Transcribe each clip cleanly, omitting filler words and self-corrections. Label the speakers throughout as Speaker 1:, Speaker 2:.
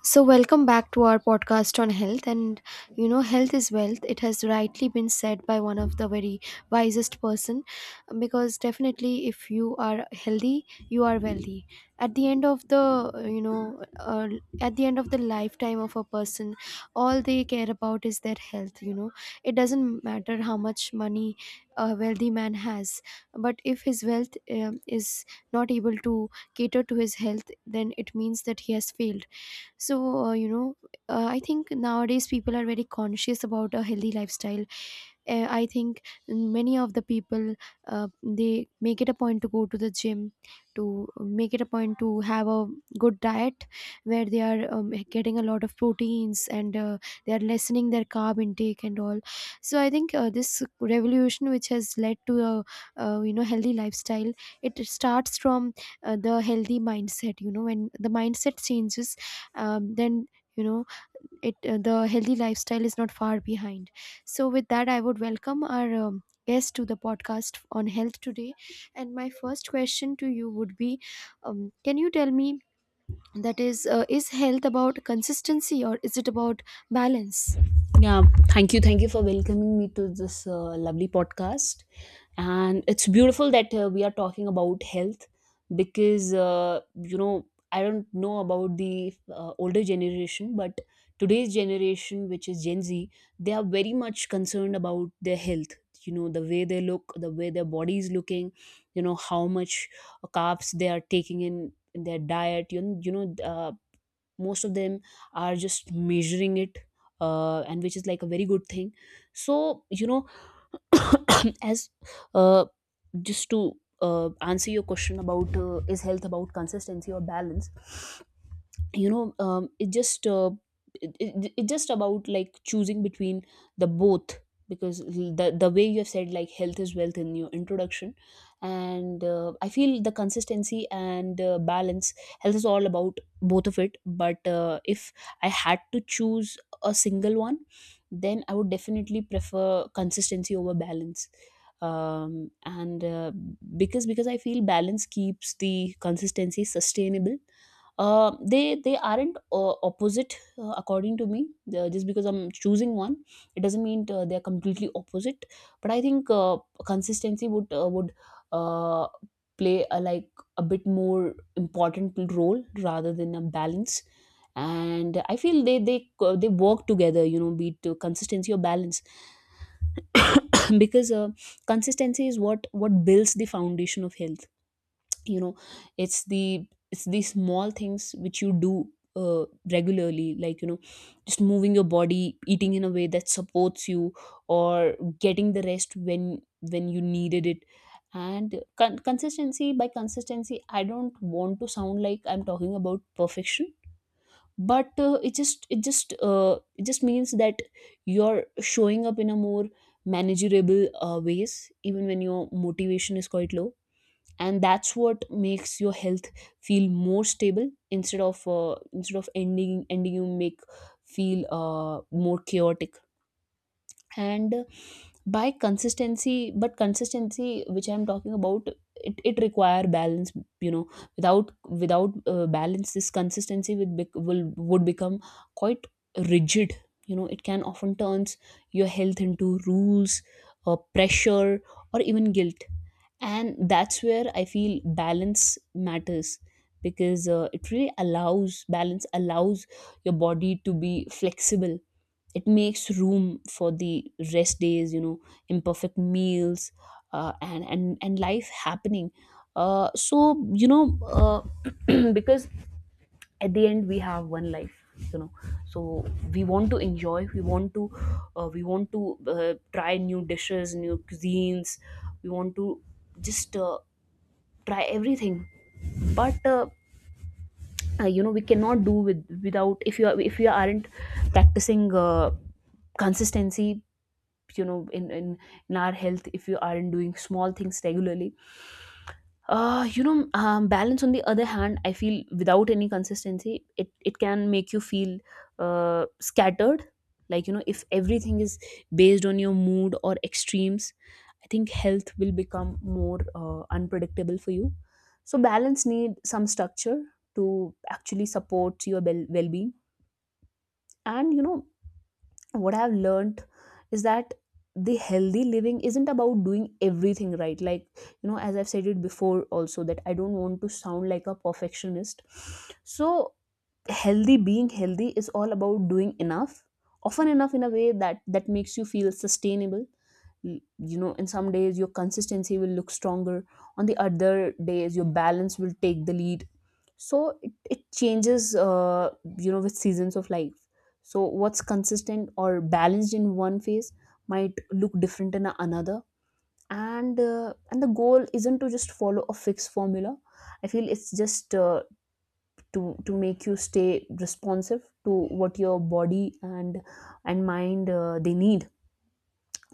Speaker 1: So, welcome back to our podcast on health. Health is wealth. It has rightly been said by one of the very wisest person, because definitely, if you are healthy, you are wealthy. At the end of the you know, uh, at the end of the lifetime of a person, all they care about is their health. It doesn't matter how much money a wealthy man has, but if his wealth is not able to cater to his health, then it means that he has failed. So I think nowadays people are very conscious about a healthy lifestyle. I think many of the people, uh, they make it a point to go to the gym, to make it a point to have a good diet where they are getting a lot of proteins, and they are lessening their carb intake and all. So I think, this revolution, which has led to a healthy lifestyle, it starts from the healthy mindset. When the mindset changes, then, you know, it the healthy lifestyle is not far behind. So with that, I would welcome our guest to the podcast on health today. And my first question to you would be, can you tell me, that is health about consistency or is it about balance?
Speaker 2: Yeah, thank you. Thank you for welcoming me to this lovely podcast. And it's beautiful that we are talking about health because, you know, I don't know about the older generation, but today's generation, which is Gen Z, they are very much concerned about their health. You know, the way they look, the way their body is looking, you know, how much carbs they are taking in their diet, you know, most of them are just measuring it and which is like a very good thing so you know as uh, just to answer your question about is health about consistency or balance you know it just it just about like choosing between the both because the way you have said like health is wealth in your introduction and I feel the consistency and balance health is all about both of it but if I had to choose a single one, then I would definitely prefer consistency over balance. Um and Because I feel balance keeps the consistency sustainable. They aren't opposite according to me. Just because I'm choosing one, it doesn't mean they're completely opposite, but I think consistency would uh, play a, like a bit more important role rather than a balance. And I feel they work together, you know, be it consistency or balance. Because consistency is what builds the foundation of health, you know. It's the it's the small things which you do uh, regularly, like you know, just moving your body, eating in a way that supports you, or getting the rest when you needed it. And consistency, by consistency I don't want to sound like I'm talking about perfection, but it just means that you're showing up in a more manageable ways even when your motivation is quite low. And that's what makes your health feel more stable instead of ending ending you make feel more chaotic. And uh, by consistency but consistency which I'm talking about, it require balance, you know. Without balance this consistency would become quite rigid. You know, it can often turns your health into rules or pressure or even guilt. And that's where I feel balance matters, because it really allows balance allows your body to be flexible. It makes room for the rest days, you know, imperfect meals, and life happening. uh, so you know uh, because at the end we have one life, you know. So we want to enjoy, we want to try new dishes, new cuisines. We want to just try everything. But You know, we cannot do without if you are if you aren't practicing consistency, you know, in in our health, if you aren't doing small things regularly. You know, balance on the other hand, I feel without any consistency, it can make you feel scattered. Like, you know, if everything is based on your mood or extremes, I think health will become more unpredictable for you. So balance need some structure to actually support your well-being. And, you know, what I've learned is that the healthy living isn't about doing everything right, like, you know, as I've said it before also, that I don't want to sound like a perfectionist. So healthy being healthy is all about doing enough often enough in a way that makes you feel sustainable. You know, in some days your consistency will look stronger, on the other days your balance will take the lead. So it changes, you know, with seasons of life. So what's consistent or balanced in one phase might look different in another. And the goal isn't to just follow a fixed formula. I feel it's just to to make you stay responsive to what your body and mind they need.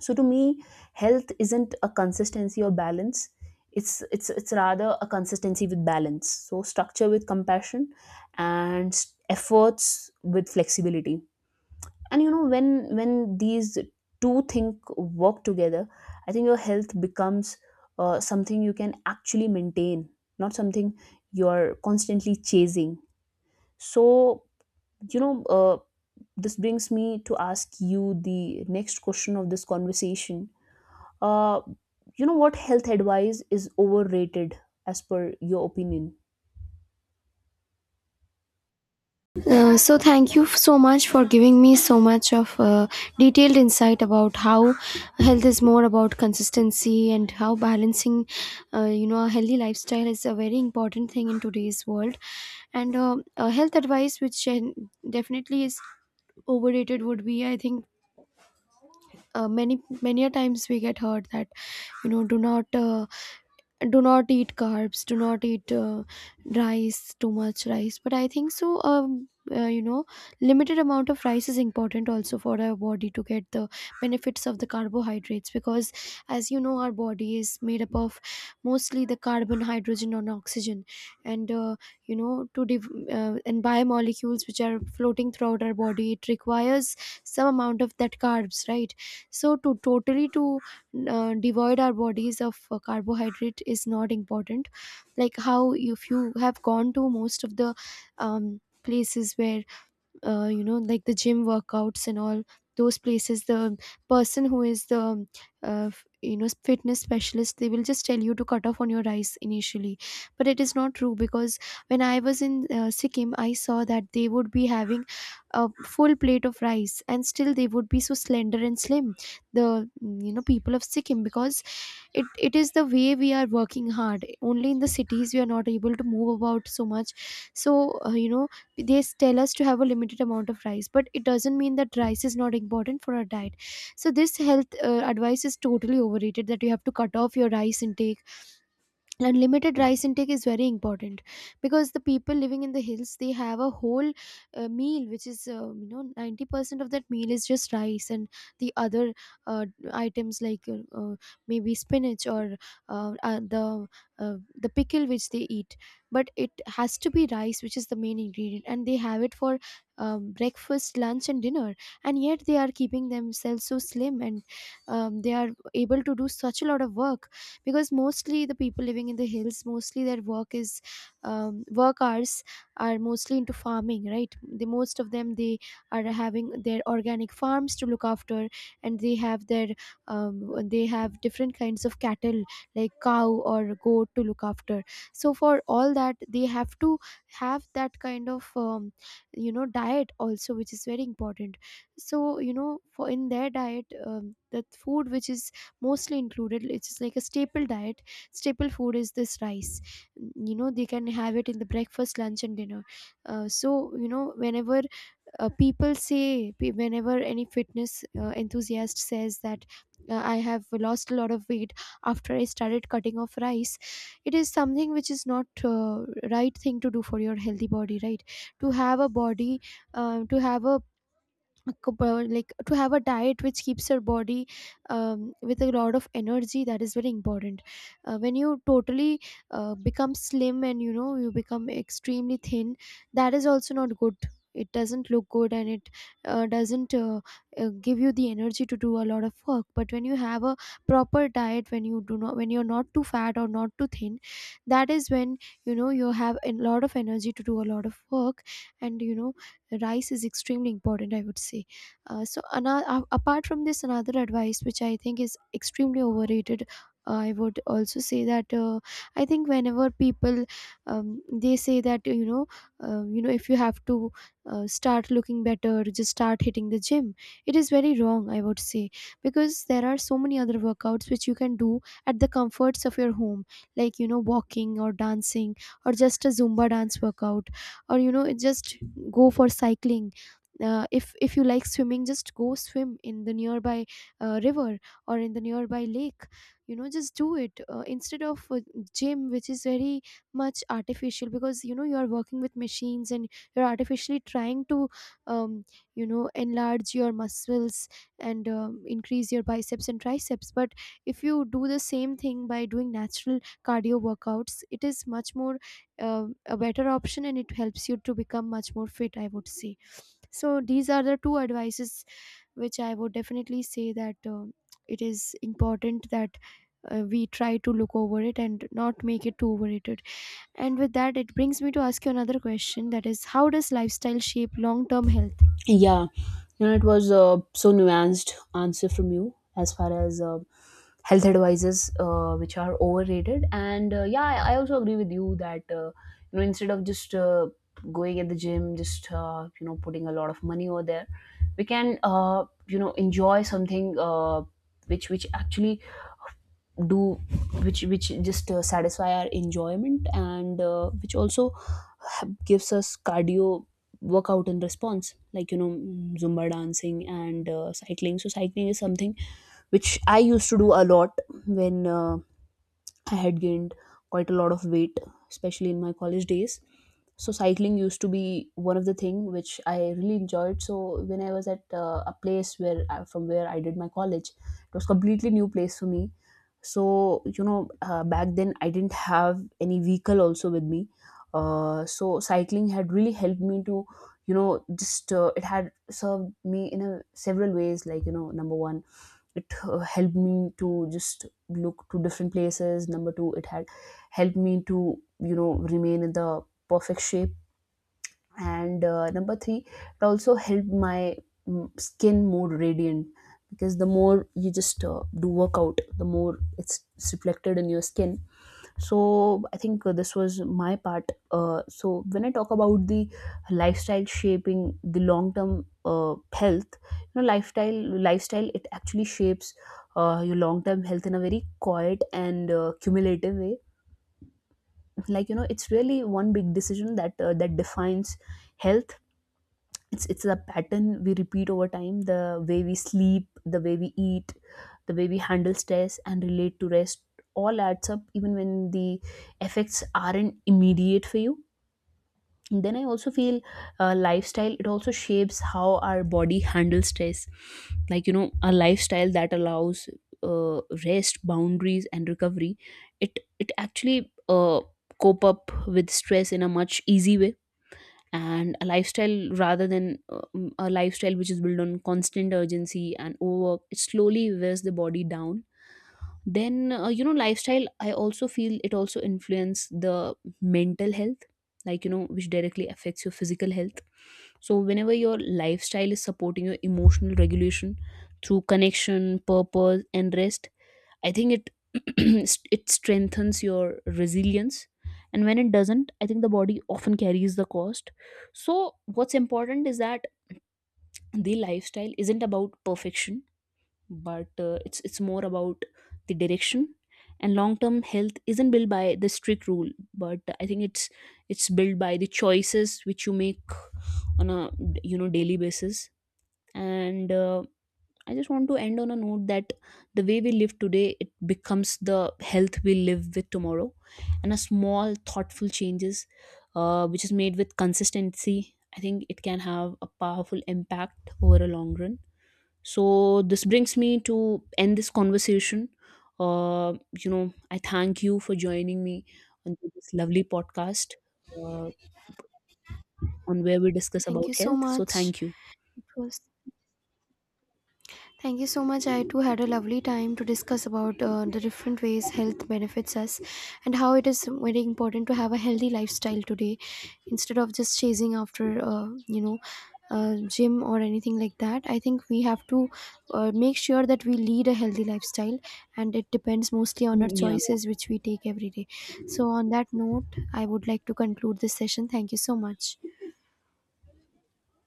Speaker 2: So to me, health isn't a consistency or balance, it's rather a consistency with balance, so structure with compassion and efforts with flexibility. And you know, when these two things work together, I think your health becomes something you can actually maintain, not something you're constantly chasing. So you know, this brings me to ask you the next question of this conversation. uh, you know what? Health advice is overrated as per your opinion.
Speaker 1: So thank you so much for giving me so much of detailed insight about how health is more about consistency and how balancing, a healthy lifestyle is a very important thing in today's world. And health advice which definitely is overrated would be, I think, many a times we get heard that, you know, do not do not eat carbs, do not eat rice, too much rice. But I think so, you know, limited amount of rice is important also for our body to get the benefits of the carbohydrates, because as you know, our body is made up of mostly the carbon, hydrogen and oxygen. And you know, and biomolecules which are floating throughout our body, it requires some amount of that carbs, right? So to totally to devoid our bodies of carbohydrate is not important. Like, how if you have gone to most of the places where, you know, like the gym workouts and all those places, the person who is the you know, fitness specialist, they will just tell you to cut off on your rice initially. But it is not true, because when I was in Sikkim, I saw that they would be having a full plate of rice, and still they would be so slender and slim, you know, people of Sikkim. Because it is the way we are working hard. Only in the cities we are not able to move about so much. So you know, they tell us to have a limited amount of rice, but it doesn't mean that rice is not important for our diet. So this health advice is totally overrated, that you have to cut off your rice intake. And limited rice intake is very important, because the people living in the hills, they have a whole, meal which is, you know, 90% of that meal is just rice, and the other, uh, items like maybe spinach, or uh, uh, the uh, the pickle which they eat, but it has to be rice which is the main ingredient. And they have it for breakfast, lunch and dinner. And yet they are keeping themselves so slim, and they are able to do such a lot of work. Because mostly the people living in the hills, mostly their work is, work hours are mostly into farming, right? The most of them, they are having their organic farms to look after. And they have their, they have different kinds of cattle, like cow or goat, to look after. So for all that, they have to have that kind of, you know, diet also, which is very important. So, you know, for in their diet, the food which is mostly included, it's just like a staple diet. Staple food is this rice. You know, they can have it in the breakfast, lunch and dinner. So, you know, whenever, whenever any fitness enthusiast says that, I have lost a lot of weight after I started cutting off rice, it is something which is not, right thing to do for your healthy body, right? To have a body, to have a co- like to have a diet which keeps your body, with a lot of energy, that is very important. When you totally become slim, and you know, you become extremely thin, that is also not good. It doesn't look good, and it doesn't give you the energy to do a lot of work. But when you have a proper diet, when you do not, when you're not too fat or not too thin, that is when, you know, you have a lot of energy to do a lot of work. And you know, rice is extremely important, I would say. Apart from this, another advice which I think is extremely overrated, I would also say that, I think whenever people, they say that, you know, you know, if you have to, start looking better, just start hitting the gym. It is very wrong, I would say, because there are so many other workouts which you can do at the comforts of your home, like, you know, walking or dancing, or just a Zumba dance workout, or, you know, it just, go for cycling. If you like swimming, just go swim in the nearby, river, or in the nearby lake. You know, just do it, instead of a gym, which is very much artificial, because, you know, you are working with machines, and you're artificially trying to, um, you know, enlarge your muscles, and increase your biceps and triceps. But if you do the same thing by doing natural cardio workouts, it is much more, a better option, and it helps you to become much more fit, I would say. So these are the two advices which I would definitely say that, um, it is important that, we try to look over it and not make it too overrated. And with that, it brings me to ask you another question, that is, how does lifestyle shape long term health?
Speaker 2: Yeah, you know, it was so nuanced answer from you as far as health advices, which are overrated. And yeah, I also agree with you that you know, instead of just going at the gym, just you know, putting a lot of money over there, we can you know, enjoy something which actually do which just satisfy our enjoyment and which also gives us cardio workout in response, like you know, mm, zumba dancing and cycling. So cycling is something which I used to do a lot when I had gained quite a lot of weight, especially in my college days. So cycling used to be one of the thing which I really enjoyed. So when I was at a place where from where I did my college, it was completely new place for me. So you know, back then I didn't have any vehicle also with me. So cycling had really helped me to, you know, just it had served me in a several ways. Like you know, number one, it helped me to just look to different places. Number two, it had helped me to, you know, remain in the perfect shape. And number three, it also helped my mm, skin more radiant, because the more you just do workout, the more it's reflected in your skin. So I think this was my part. So when I talk about the lifestyle shaping the long term health, you know, lifestyle it actually shapes your long term health in a very quiet and cumulative way. Like you know, it's really one big decision that that defines health. It's a pattern we repeat over time: the way we sleep, the way we eat, the way we handle stress and relate to rest, all adds up even when the effects aren't immediate for you. And then I also feel lifestyle it also shapes how our body handles stress. Like you know, a lifestyle that allows uh, rest, boundaries and recovery, it actually uh, cope up with stress in a much easy way. And a lifestyle rather than a lifestyle which is built on constant urgency and overwork, it slowly wears the body down. Then you know, lifestyle I also feel it also influence the mental health, like you know, which directly affects your physical health. So whenever your lifestyle is supporting your emotional regulation through connection, purpose and rest, I think it it strengthens your resilience. And when it doesn't, I think the body often carries the cost. So what's important is that the lifestyle isn't about perfection, but it's more about the direction. And long term health isn't built by the strict rule, but I think it's built by the choices which you make on a, you know, daily basis. And I just want to end on a note that the way we live today, it becomes the health we live with tomorrow. And a small, thoughtful changes, which is made with consistency, I think it can have a powerful impact over a long run. So this brings me to end this conversation. You know, I thank you for joining me on this lovely podcast uh, on where we discuss
Speaker 1: thank
Speaker 2: about
Speaker 1: you so
Speaker 2: health. So
Speaker 1: much
Speaker 2: thank you.
Speaker 1: it was Thank you so much. I too had a lovely time to discuss about the different ways health benefits us, and how it is very important to have a healthy lifestyle today, instead of just chasing after, gym or anything like that. I think we have to make sure that we lead a healthy lifestyle, and it depends mostly on our
Speaker 2: Mm, yeah,
Speaker 1: choices which we take every day. So, on that note, I would like to conclude this session. Thank you so much.